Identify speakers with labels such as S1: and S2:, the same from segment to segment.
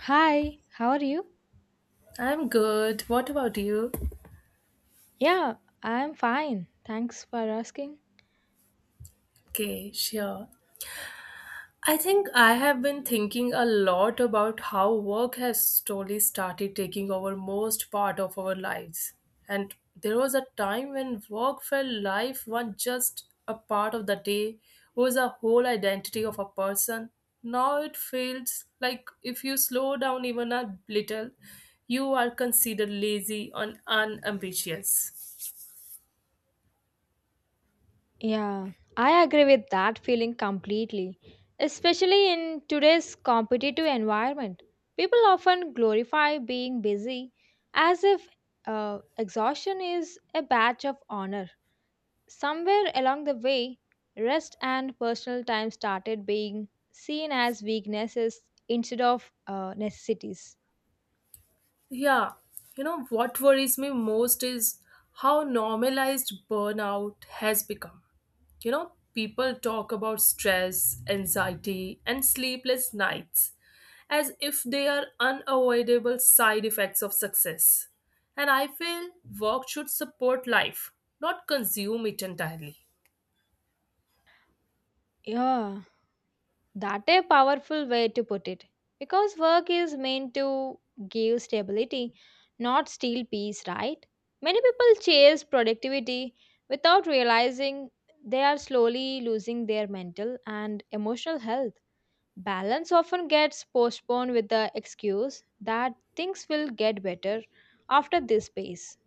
S1: Hi, how are you?
S2: I'm good. What about you?
S1: Yeah, I'm fine. Thanks for asking.
S2: Okay, sure. I think I have been thinking a lot about how work has slowly started taking over most part of our lives. And there was a time when work felt life was just a part of the day, was a whole identity of a person. Now it feels like if you slow down even a little, you are considered lazy and unambitious.
S1: Yeah, I agree with that feeling completely. Especially in today's competitive environment, people often glorify being busy as if exhaustion is a badge of honor. Somewhere along the way, rest and personal time started being seen as weaknesses instead of necessities.
S2: Yeah, you know what worries me most is how normalized burnout has become. You know, people talk about stress, anxiety, and sleepless nights as if they are unavoidable side effects of success. And I feel work should support life, not consume it entirely.
S1: Yeah. That a powerful way to put it. Because work is meant to give stability, not steal peace, right? Many people chase productivity without realizing they are slowly losing their mental and emotional health. Balance often gets postponed with the excuse that things will get better after this pace.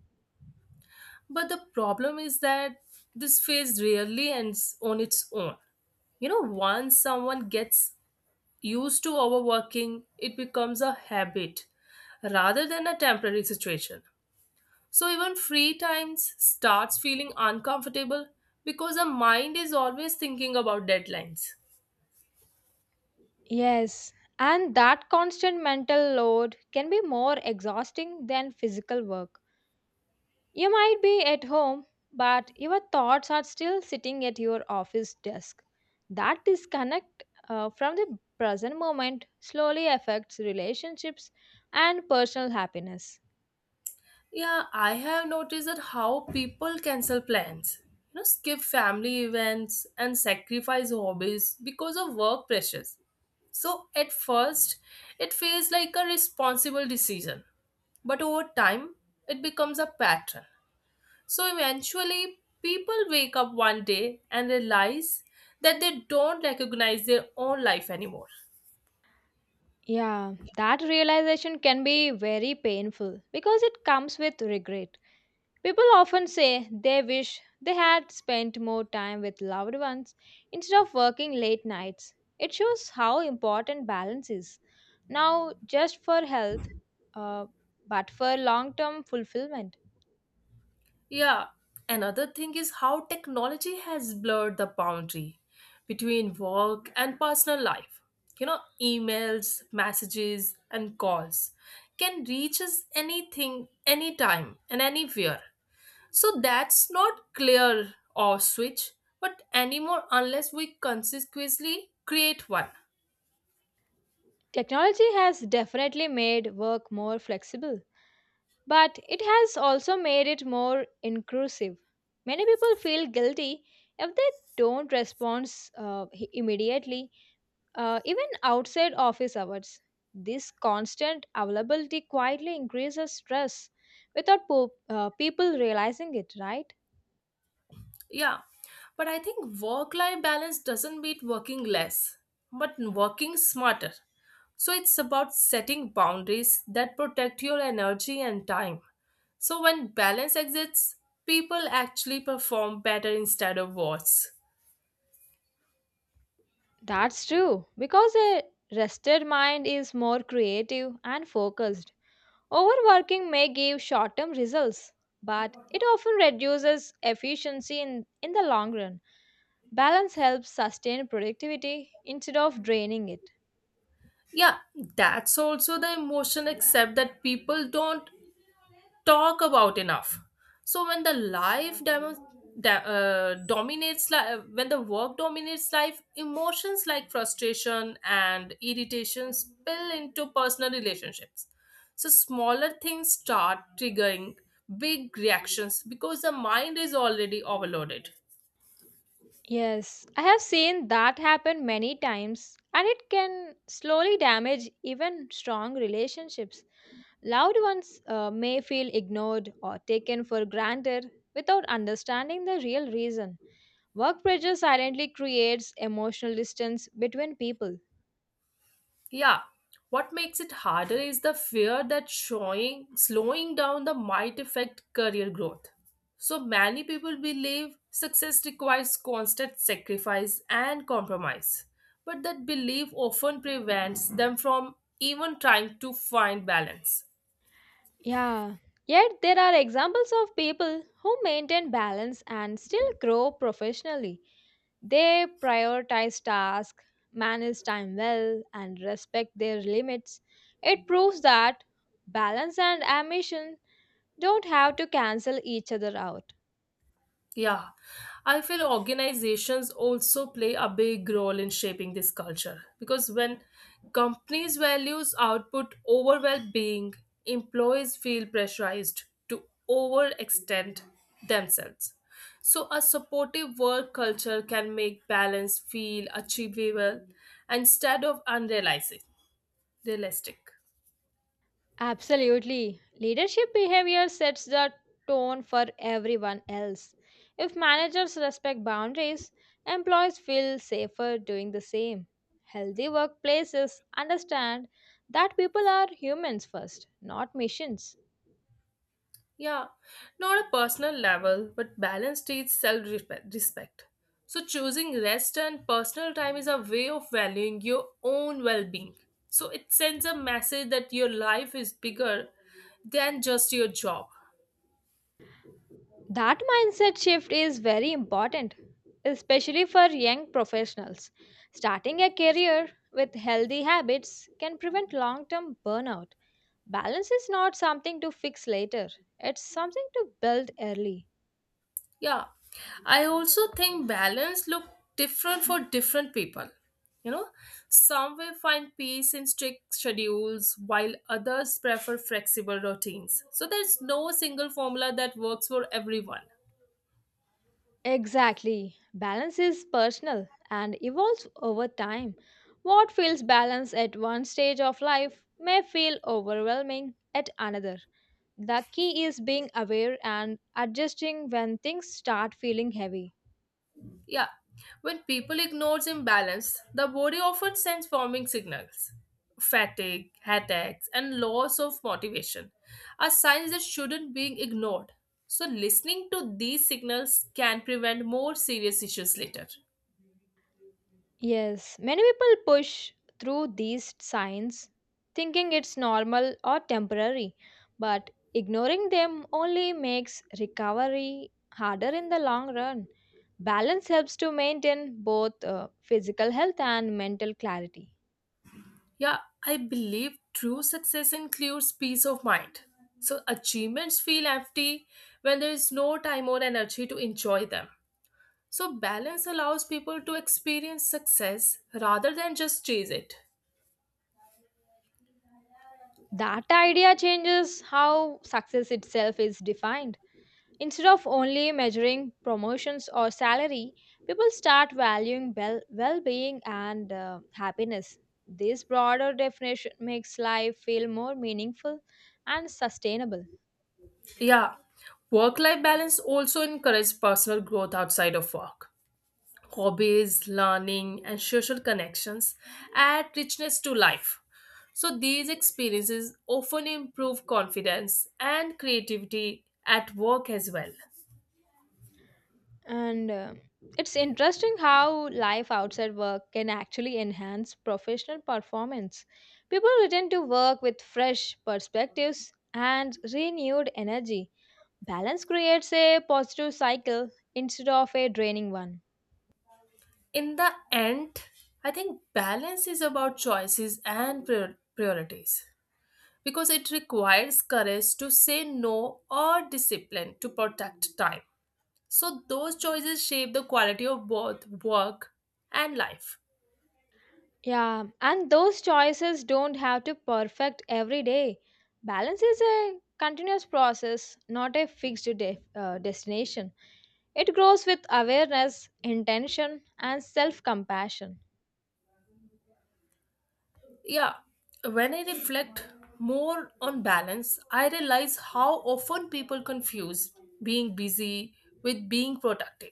S2: But the problem is that this phase rarely ends on its own. You know, once someone gets used to overworking, it becomes a habit rather than a temporary situation. So even free times starts feeling uncomfortable because the mind is always thinking about deadlines.
S1: Yes, and that constant mental load can be more exhausting than physical work. You might be at home, but your thoughts are still sitting at your office desk. That disconnect from the present moment slowly affects relationships and personal happiness.
S2: Yeah, I have noticed that how people cancel plans, you know, skip family events and sacrifice hobbies because of work pressures. So at first, it feels like a responsible decision, but over time, it becomes a pattern. So eventually, people wake up one day and realize that they don't recognize their own life anymore.
S1: Yeah, that realization can be very painful because it comes with regret. People often say they wish they had spent more time with loved ones instead of working late nights. It shows how important balance is, now just for health, uh, but for long term fulfillment.
S2: Yeah, another thing is how technology has blurred the boundary between work and personal life. You know, emails, messages, and calls can reach us anything, anytime, and anywhere. So that's not clear or switch, but anymore unless we consciously create one.
S1: Technology has definitely made work more flexible, but it has also made it more inclusive. Many people feel guilty if they don't respond immediately even outside office hours. This constant availability quietly increases stress without people realizing it, right?
S2: Yeah, but I think work life balance doesn't mean working less, but working smarter. So it's about setting boundaries that protect your energy and time. So when balance exists, people actually perform better instead of worse.
S1: That's true, because a rested mind is more creative and focused. Overworking may give short term results, but it often reduces efficiency in the long run. Balance helps sustain productivity instead of draining it.
S2: Yeah, that's also the emotion, except that people don't talk about enough so when the life demo, da, dominates li- when the work dominates life emotions like frustration and irritation spill into personal relationships, so smaller things start triggering big reactions because the mind is already overloaded.
S1: Yes, I have seen that happen many times, and it can slowly damage even strong relationships. Loved ones may feel ignored or taken for granted without understanding the real reason. Work pressure silently creates emotional distance between people.
S2: Yeah, what makes it harder is the fear that showing slowing down the might affect career growth. So many people believe success requires constant sacrifice and compromise, but that belief often prevents them from even trying to find balance.
S1: Yeah, yet there are examples of people who maintain balance and still grow professionally. They prioritize tasks, manage time well, and respect their limits. It proves that balance and ambition don't have to cancel each other out.
S2: Yeah, I feel organizations also play a big role in shaping this culture because when companies values output over well-being, employees feel pressurized to overextend themselves. So a supportive work culture can make balance feel achievable instead of unrealistic. Realistic.
S1: Absolutely. Leadership behavior sets the tone for everyone else. If managers respect boundaries, employees feel safer doing the same. Healthy workplaces understand that people are humans first, not machines.
S2: Yeah, not a personal level, but balance teaches self respect. So, choosing rest and personal time is a way of valuing your own well being. So, it sends a message that your life is bigger than just your job.
S1: That mindset shift is very important, especially for young professionals. Starting a career with healthy habits can prevent long term burnout. Balance is not something to fix later, it's something to build early.
S2: Yeah, I also think balance look different for different people. You know, some will find peace in strict schedules while others prefer flexible routines. So, there's no single formula that works for everyone.
S1: Exactly. Balance is personal and evolves over time. What feels balanced at one stage of life may feel overwhelming at another. The key is being aware and adjusting when things start feeling heavy.
S2: Yeah, when people ignores imbalance, the body often sends warming signals. Fatigue, headaches, and loss of motivation are signs that shouldn't be ignored. So listening to these signals can prevent more serious issues later.
S1: Yes, many people push through these signs thinking it's normal or temporary, but ignoring them only makes recovery harder in the long run. Balance helps to maintain both physical health and mental clarity.
S2: Yeah, I believe true success includes peace of mind. So achievements feel empty when there is no time or energy to enjoy them. So balance allows people to experience success rather than just chase it.
S1: That idea changes how success itself is defined. Instead of only measuring promotions or salary, people start valuing well well being and happiness. This broader definition makes life feel more meaningful and sustainable.
S2: Yeah, work life balance also encourages personal growth outside of work. Hobbies, learning, and social connections add richness to life. So, these experiences often improve confidence and creativity at work as well.
S1: And It's interesting how life outside work can actually enhance professional performance. People return to work with fresh perspectives and renewed energy. Balance creates a positive cycle instead of a draining one.
S2: In the end, I think balance is about choices and priorities because it requires courage to say no or discipline to protect time. So those choices shape the quality of both work and life.
S1: Yeah, and those choices don't have to perfect every day. Balance is a continuous process, not a fixed destination. It grows with awareness, intention, and self compassion.
S2: Yeah, when I reflect more on balance, I realize how often people confuse being busy with being productive.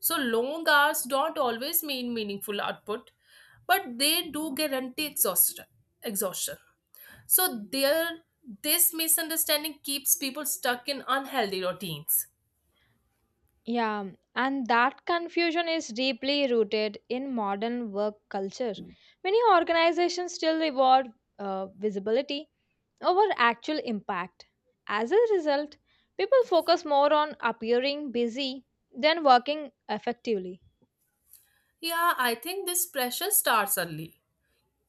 S2: So long hours don't always mean meaningful output, but they do guarantee exhaustion. Exhaustion. So there this misunderstanding keeps people stuck in unhealthy routines.
S1: Yeah, and that confusion is deeply rooted in modern work culture. Many organizations still reward visibility over actual impact. As a result, people focus more on appearing busy than working effectively.
S2: Yeah, I think this pressure starts early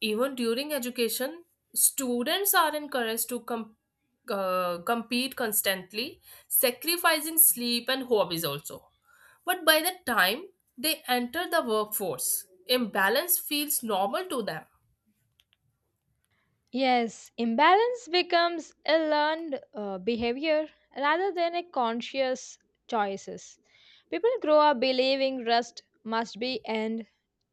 S2: even during education, students are encouraged to compete constantly, sacrificing sleep and hobbies also. But by the time they enter the workforce, imbalance feels normal to them.
S1: Yes, imbalance becomes a learned behavior rather than a conscious choices. People grow up believing rust must be end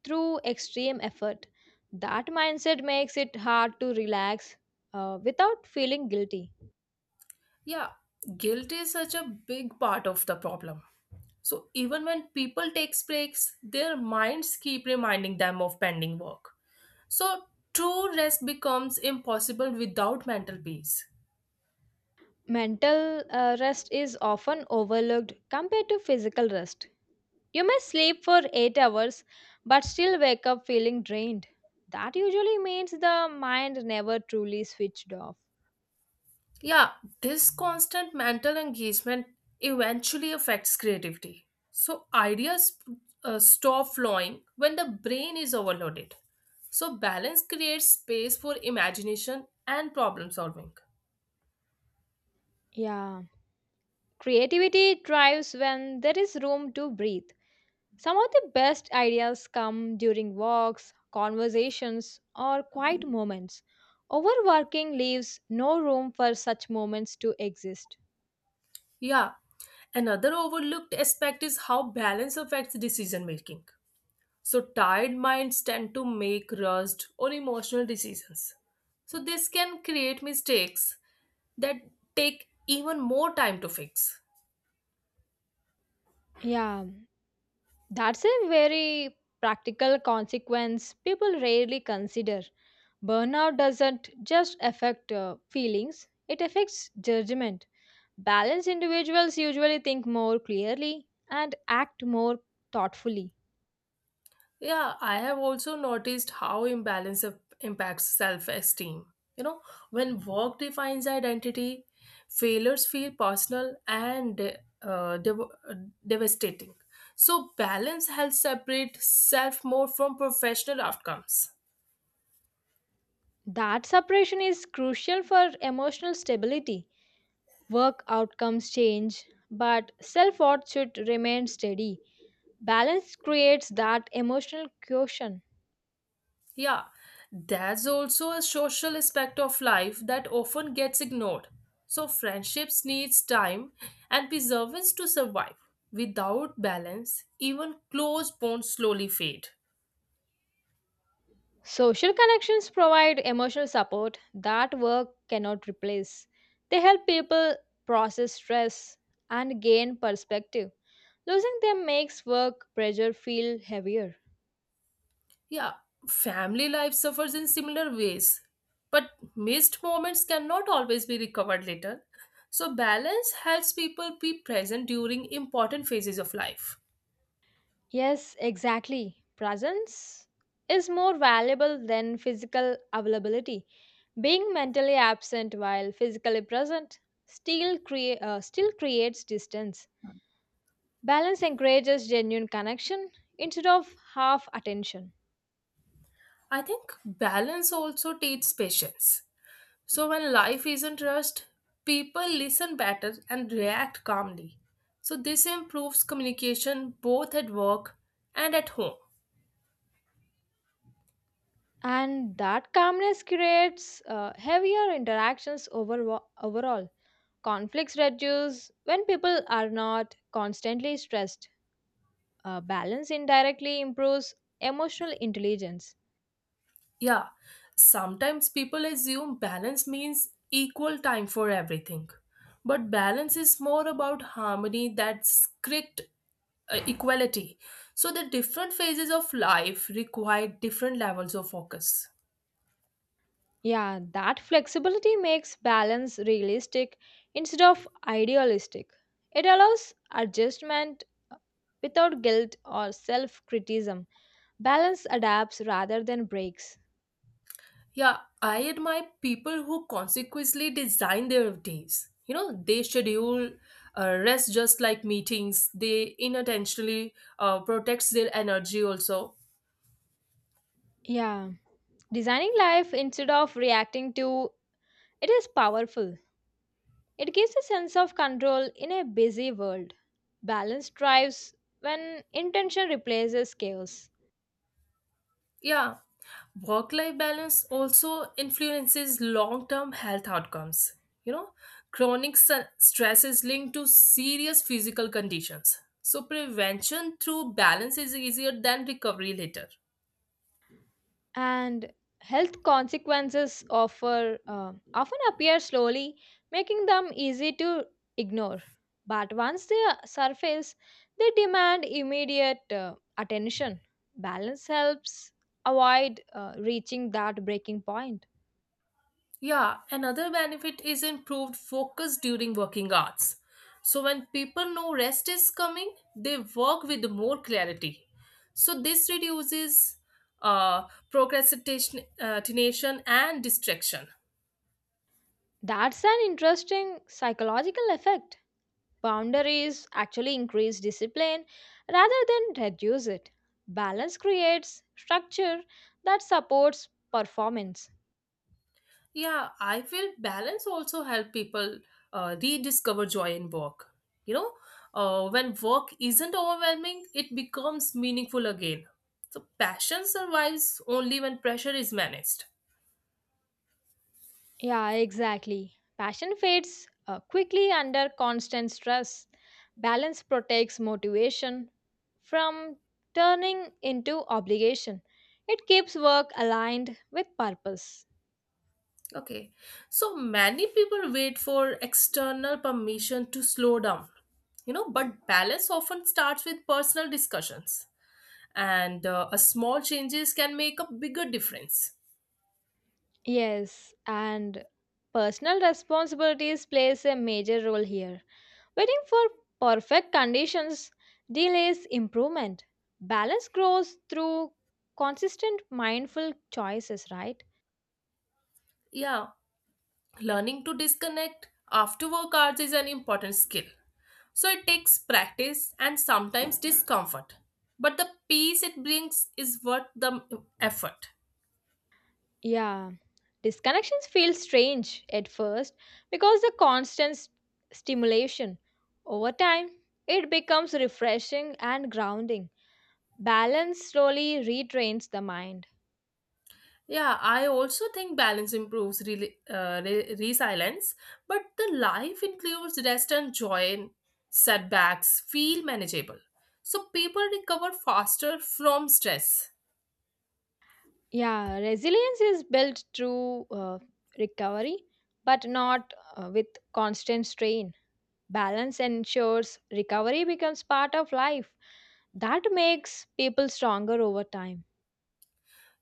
S1: through extreme effort. That mindset makes it hard to relax without feeling guilty.
S2: Yeah, guilt is such a big part of the problem. So even when people takes breaks, their minds keep reminding them of pending work. So true rest becomes impossible without mental peace.
S1: Mental rest is often overlooked compared to physical rest. You may sleep for 8 hours but still wake up feeling drained. That usually means the mind never truly switched off.
S2: Yeah, this constant mental engagement eventually affects creativity. So, ideas stop flowing when the brain is overloaded. So, balance creates space for imagination and problem solving.
S1: Yeah. Creativity thrives when there is room to breathe. Some of the best ideas come during walks, conversations, or quiet moments. Overworking leaves no room for such moments to exist.
S2: Yeah, another overlooked aspect is how balance affects decision making. So, tired minds tend to make rushed or emotional decisions. So, this can create mistakes that take even more time to fix.
S1: Yeah. That's a very practical consequence people rarely consider. Burnout doesn't just affect feelings, it affects judgment. Balanced individuals usually think more clearly and act more thoughtfully.
S2: Yeah, I have also noticed how impacts self esteem. You know, when work defines identity, failures feel personal and uh, dev- uh, devastating. So, balance helps separate self more from professional outcomes.
S1: That separation is crucial for emotional stability. Work outcomes change, but self worth should remain steady. Balance creates that emotional quotient.
S2: Yeah, there's also a social aspect of life that often gets ignored. So friendships needs time and perseverance to survive. Without balance, even close bonds slowly fade.
S1: Social connections provide emotional support that work cannot replace. They help people process stress and gain perspective. Losing them makes work pressure feel heavier.
S2: Yeah, family life suffers in similar ways, but missed moments cannot always be recovered later. So balance helps people be present during important phases of life.
S1: Yes, exactly. Presence is more valuable than physical availability. Being mentally absent while physically present still creates distance. Balance encourages genuine connection instead of half attention.
S2: I think balance also takes patience. So when life isn't rushed, people listen better and react calmly. So this improves communication both at work and at home.
S1: And that calmness creates heavier interactions overall. Conflicts reduce when people are not constantly stressed. Balance indirectly improves emotional intelligence.
S2: Yeah, sometimes people assume balance means equal time for everything. But balance is more about harmony than strict equality. So the different phases of life require different levels of focus.
S1: Yeah, that flexibility makes balance realistic instead of idealistic. It allows adjustment uh, without guilt or self criticism. Balance adapts rather than breaks.
S2: Yeah, I admire people who consequently design their days. You know, they schedule rest just like meetings. They unintentionally protects their energy also.
S1: Yeah, designing life instead of reacting to It is powerful. It gives a sense of control in a busy world. Balance thrives when intention replaces chaos.
S2: Yeah, work-life balance also influences long-term health outcomes. You know, stress is linked to serious physical conditions. So prevention through balance is easier than recovery later.
S1: And health consequences offer, often appear slowly, making them easy to ignore. But once they surface, they demand immediate attention. Balance helps avoid reaching that breaking point.
S2: Yeah, another benefit is improved focus during working hours. So, when people know rest is coming, they work with more clarity. So, this reduces procrastination tination and distraction.
S1: That's an interesting psychological effect. Boundaries actually increase discipline rather than reduce it. Balance creates structure that supports performance.
S2: Yeah, I feel balance also help people rediscover joy in work. You know, when work isn't overwhelming, it becomes meaningful again. So, passion survives only when pressure is managed.
S1: Yeah, exactly. Passion fades quickly under constant stress. Balance protects motivation from turning into obligation. It keeps work aligned with purpose.
S2: Okay, so many people wait for external permission to slow down, you know, but balance often starts with personal discussions, and a small changes can make a bigger difference.
S1: Yes, and personal responsibilities plays a major role here. Waiting for perfect conditions delays improvement. Balance grows through consistent mindful choices, right?
S2: Yeah, learning to disconnect after work hours is an important skill. So it takes practice and sometimes discomfort, but the peace it brings is worth the effort.
S1: Yeah. Disconnections feel strange at first because the constant stimulation. Over time, it becomes refreshing and grounding. Balance slowly retrains the mind.
S2: Yeah, I also think balance improves resilience, but the life includes rest and joy and setbacks feel manageable. So people recover faster from stress.
S1: Yeah, resilience is built through recovery, but not with constant strain. Balance ensures recovery becomes part of life. That makes people stronger over time.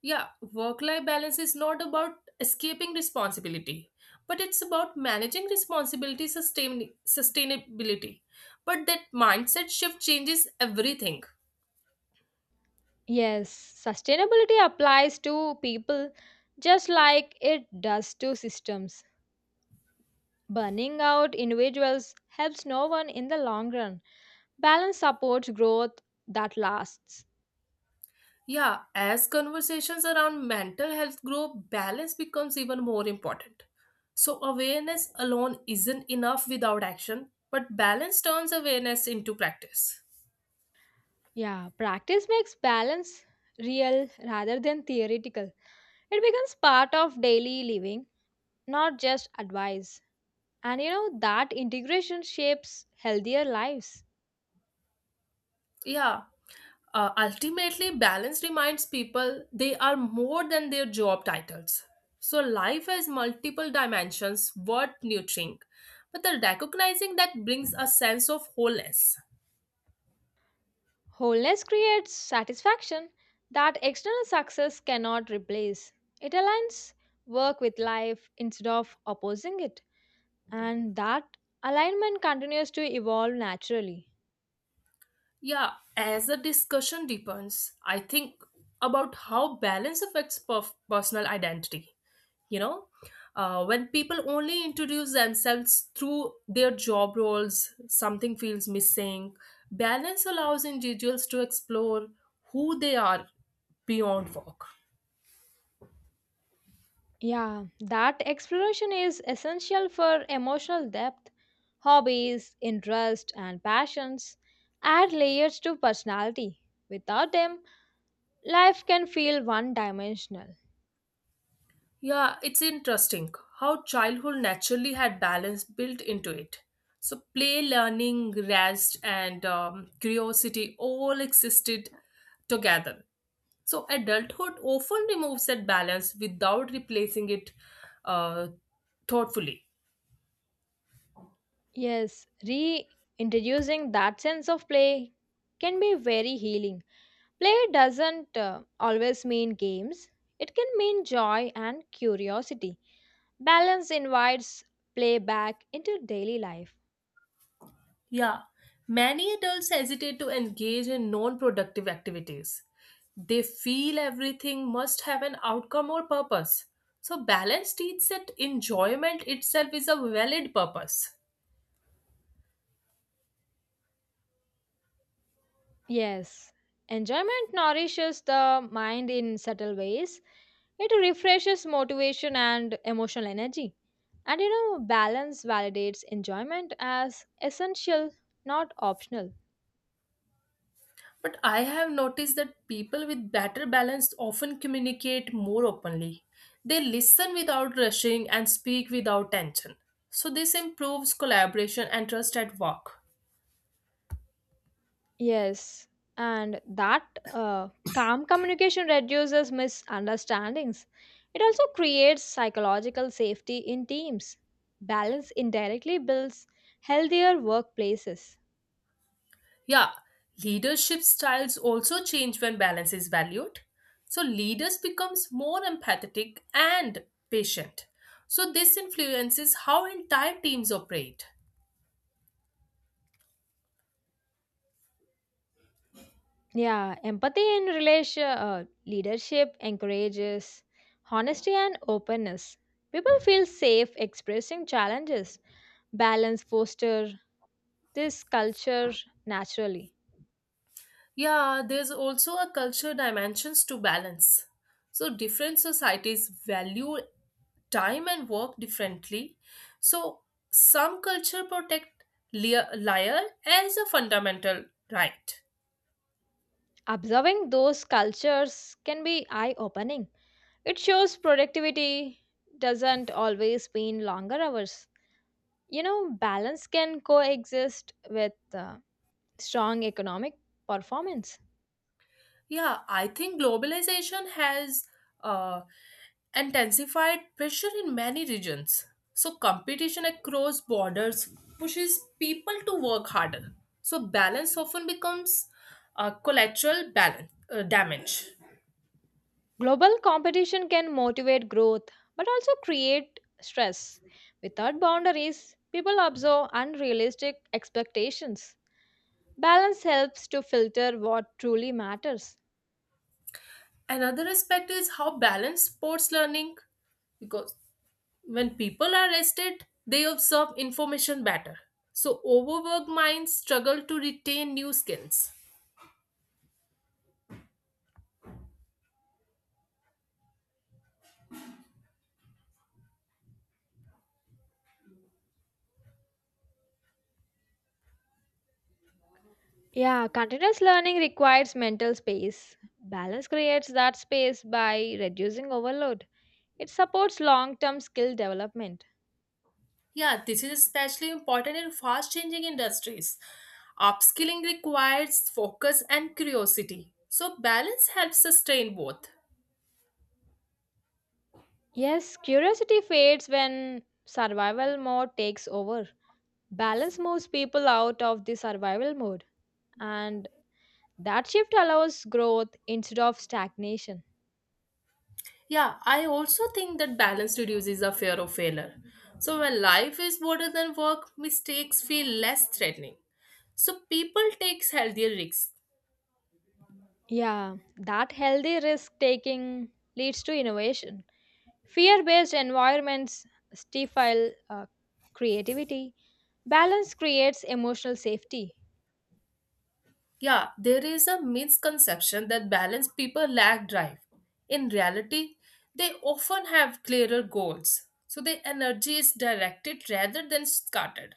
S2: Yeah, work life balance is not about escaping responsibility, but it's about managing responsibility sustainability. But that mindset shift changes everything.
S1: Yes, sustainability applies to people just like it does to systems. Burning out individuals helps no one in the long run. Balance supports growth that lasts.
S2: Yeah, as conversations around mental health grow, balance becomes even more important. So, awareness alone isn't enough without action, but balance turns awareness into practice.
S1: Yeah, practice makes balance real rather than theoretical. It becomes part of daily living, not just advice. And you know, that integration shapes healthier lives.
S2: Yeah, ultimately, balance reminds people they are more than their job titles. So, life has multiple dimensions worth nurturing, but the recognizing that brings a sense of wholeness.
S1: Wholeness creates satisfaction that external success cannot replace. It aligns work with life instead of opposing it. And that alignment continues to evolve naturally.
S2: Yeah, as the discussion deepens, I think about how balance affects personal identity. You know, when people only introduce themselves through their job roles, something feels missing. Balance allows individuals to explore who they are beyond work.
S1: Yeah, that exploration is essential for emotional depth. Hobbies, interests, and passions add layers to personality. Without them, life can feel one dimensional.
S2: Yeah, it's interesting how childhood naturally had balance built into it. So, play, learning, rest, and curiosity all existed together. So, adulthood often removes that balance without replacing it uh, thoughtfully.
S1: Yes, reintroducing that sense of play can be very healing. Play doesn't always mean games, it can mean joy and curiosity. Balance invites play back into daily life.
S2: Yeah, many adults hesitate to engage in non productive activities. They feel everything must have an outcome or purpose. So, balance teaches that enjoyment itself is a valid purpose.
S1: Yes, enjoyment nourishes the mind in subtle ways. It refreshes motivation and emotional energy. And you know, balance validates enjoyment as essential, not optional.
S2: But I have noticed that people with better balance often communicate more openly. They listen without rushing and speak without tension. So, this improves collaboration and trust at work.
S1: Yes, and that calm communication reduces misunderstandings. It also creates psychological safety in teams. Balance indirectly builds healthier workplaces.
S2: Yeah, leadership styles also change when balance is valued. So leaders becomes more empathetic and patient. So this influences how entire teams operate.
S1: Yeah, empathy in relation leadership encourages honesty and openness. People feel safe expressing challenges. Balance foster this culture naturally.
S2: Yeah, there's also a culture dimensions to balance. So different societies value time and work differently. So some culture protect liar as a fundamental right.
S1: Observing those cultures can be eye-opening. It shows productivity doesn't always mean longer hours. You know, balance can coexist with strong economic performance.
S2: Yeah, I think globalization has uh, intensified pressure in many regions. So, competition across borders pushes people to work harder. So, balance often becomes a collateral damage.
S1: Global competition can motivate growth but also create stress. Without boundaries, people absorb unrealistic expectations. Balance helps to filter what truly matters.
S2: Another aspect is how balance sports learning, because when people are rested, they absorb information better. So, overworked minds struggle to retain new skills.
S1: Yeah, continuous learning requires mental space. Balance creates that space by reducing overload. It supports long term skill development.
S2: Yeah, this is especially important in fast changing industries. Upskilling requires focus and curiosity. So, balance helps sustain both.
S1: Yes, curiosity fades when survival mode takes over. Balance moves people out of the survival mode and That shift allows growth instead of stagnation.
S2: Yeah, I also think that balance reduces the fear of failure. So, when life is broader than work, mistakes feel less threatening. So, people take healthier risks.
S1: Yeah, that healthy risk taking leads to innovation. Fear based environments stifle creativity. Balance creates emotional safety.
S2: Yeah, there is a misconception that balanced people lack drive. In reality, they often have clearer goals, so their energy is directed rather than scattered.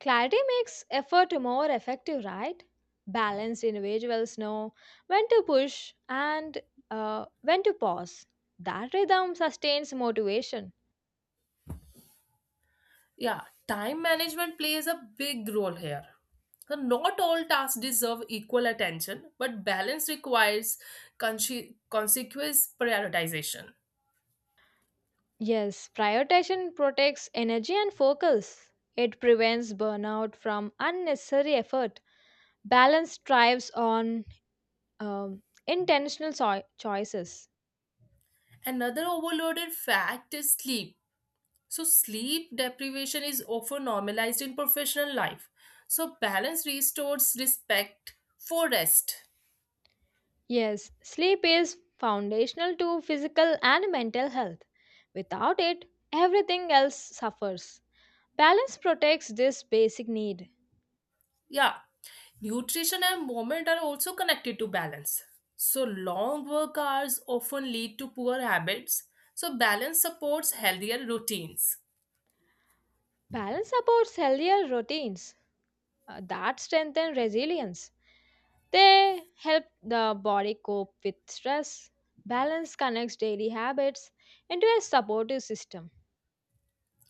S1: Clarity makes effort more effective, right? Balanced individuals know when to push and when to pause. That rhythm sustains motivation.
S2: Yeah, time management plays a big role here. So not all tasks deserve equal attention, but balance requires consequence prioritization.
S1: Yes, prioritization protects energy and focus. It prevents burnout from unnecessary effort. Balance thrives on intentional choices.
S2: Another overloaded fact is sleep. So, sleep deprivation is often normalized in professional life. So, balance restores respect for rest.
S1: Yes, sleep is foundational to physical and mental health. Without it, everything else suffers. Balance protects this basic need.
S2: Yeah, nutrition and movement are also connected to balance. So, long work hours often lead to poor habits. So, balance supports healthier routines.
S1: Balance supports healthier routines that strengthen resilience. They help the body cope with stress. Balance connects daily habits into a supportive system.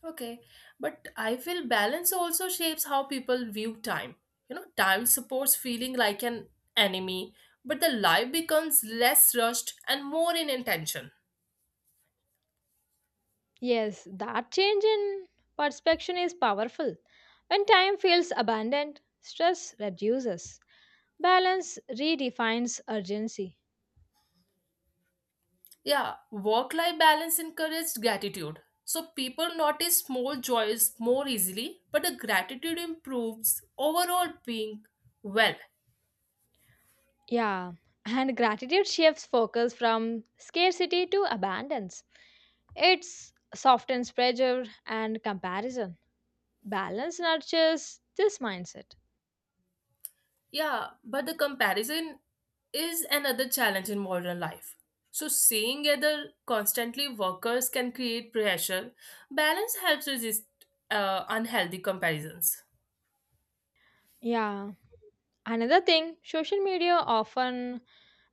S2: Okay, but I feel balance also shapes how people view time. You know, time supports feeling like an enemy, but the life becomes less rushed and more in intention.
S1: Yes, that change in perception is powerful. When time feels abundant, stress reduces. Balance redefines urgency.
S2: Yeah, work life balance encourages gratitude. So people notice small joys more easily, but the gratitude improves overall being well.
S1: Yeah, and gratitude shifts focus from scarcity to abundance. It softens pressure and comparison. Balance nurtures this mindset.
S2: Yeah, but the comparison is another challenge in modern life. So seeing other constantly workers can create pressure. Balance helps resist unhealthy comparisons.
S1: Yeah. Another thing, social media often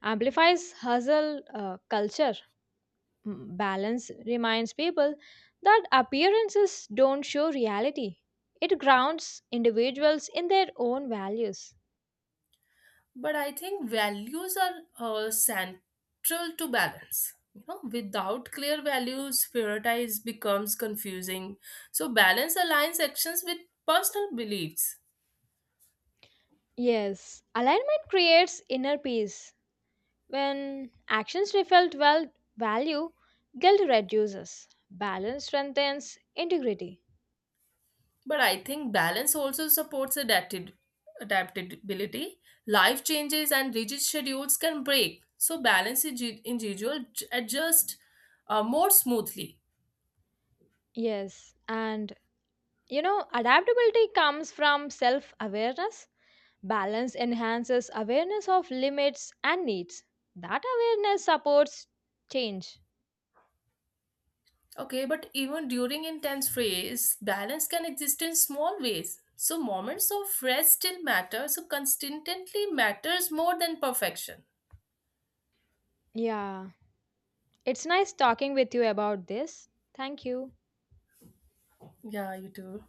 S1: amplifies hustle culture. Mm, balance reminds people that appearances don't show reality. It grounds individuals in their own values.
S2: But I think values are central to balance, you know, without clear values prioritize becomes confusing, so balance aligns actions with personal beliefs.
S1: Yes, alignment creates inner peace. When actions reflect well value, guilt reduces. Balance strengthens integrity.
S2: But I think balance also supports adapted adaptability, life changes and rigid schedules can break so balance individual adjust more smoothly.
S1: Yes, and you know, adaptability comes from self awareness. Balance enhances awareness of limits and needs. That awareness supports change.
S2: Okay, but even during intense phase, balance can exist in small ways. So moments of rest still matter. So consistently matters more than perfection.
S1: Yeah. It's nice talking with you about this. Thank you.
S2: Yeah, you too.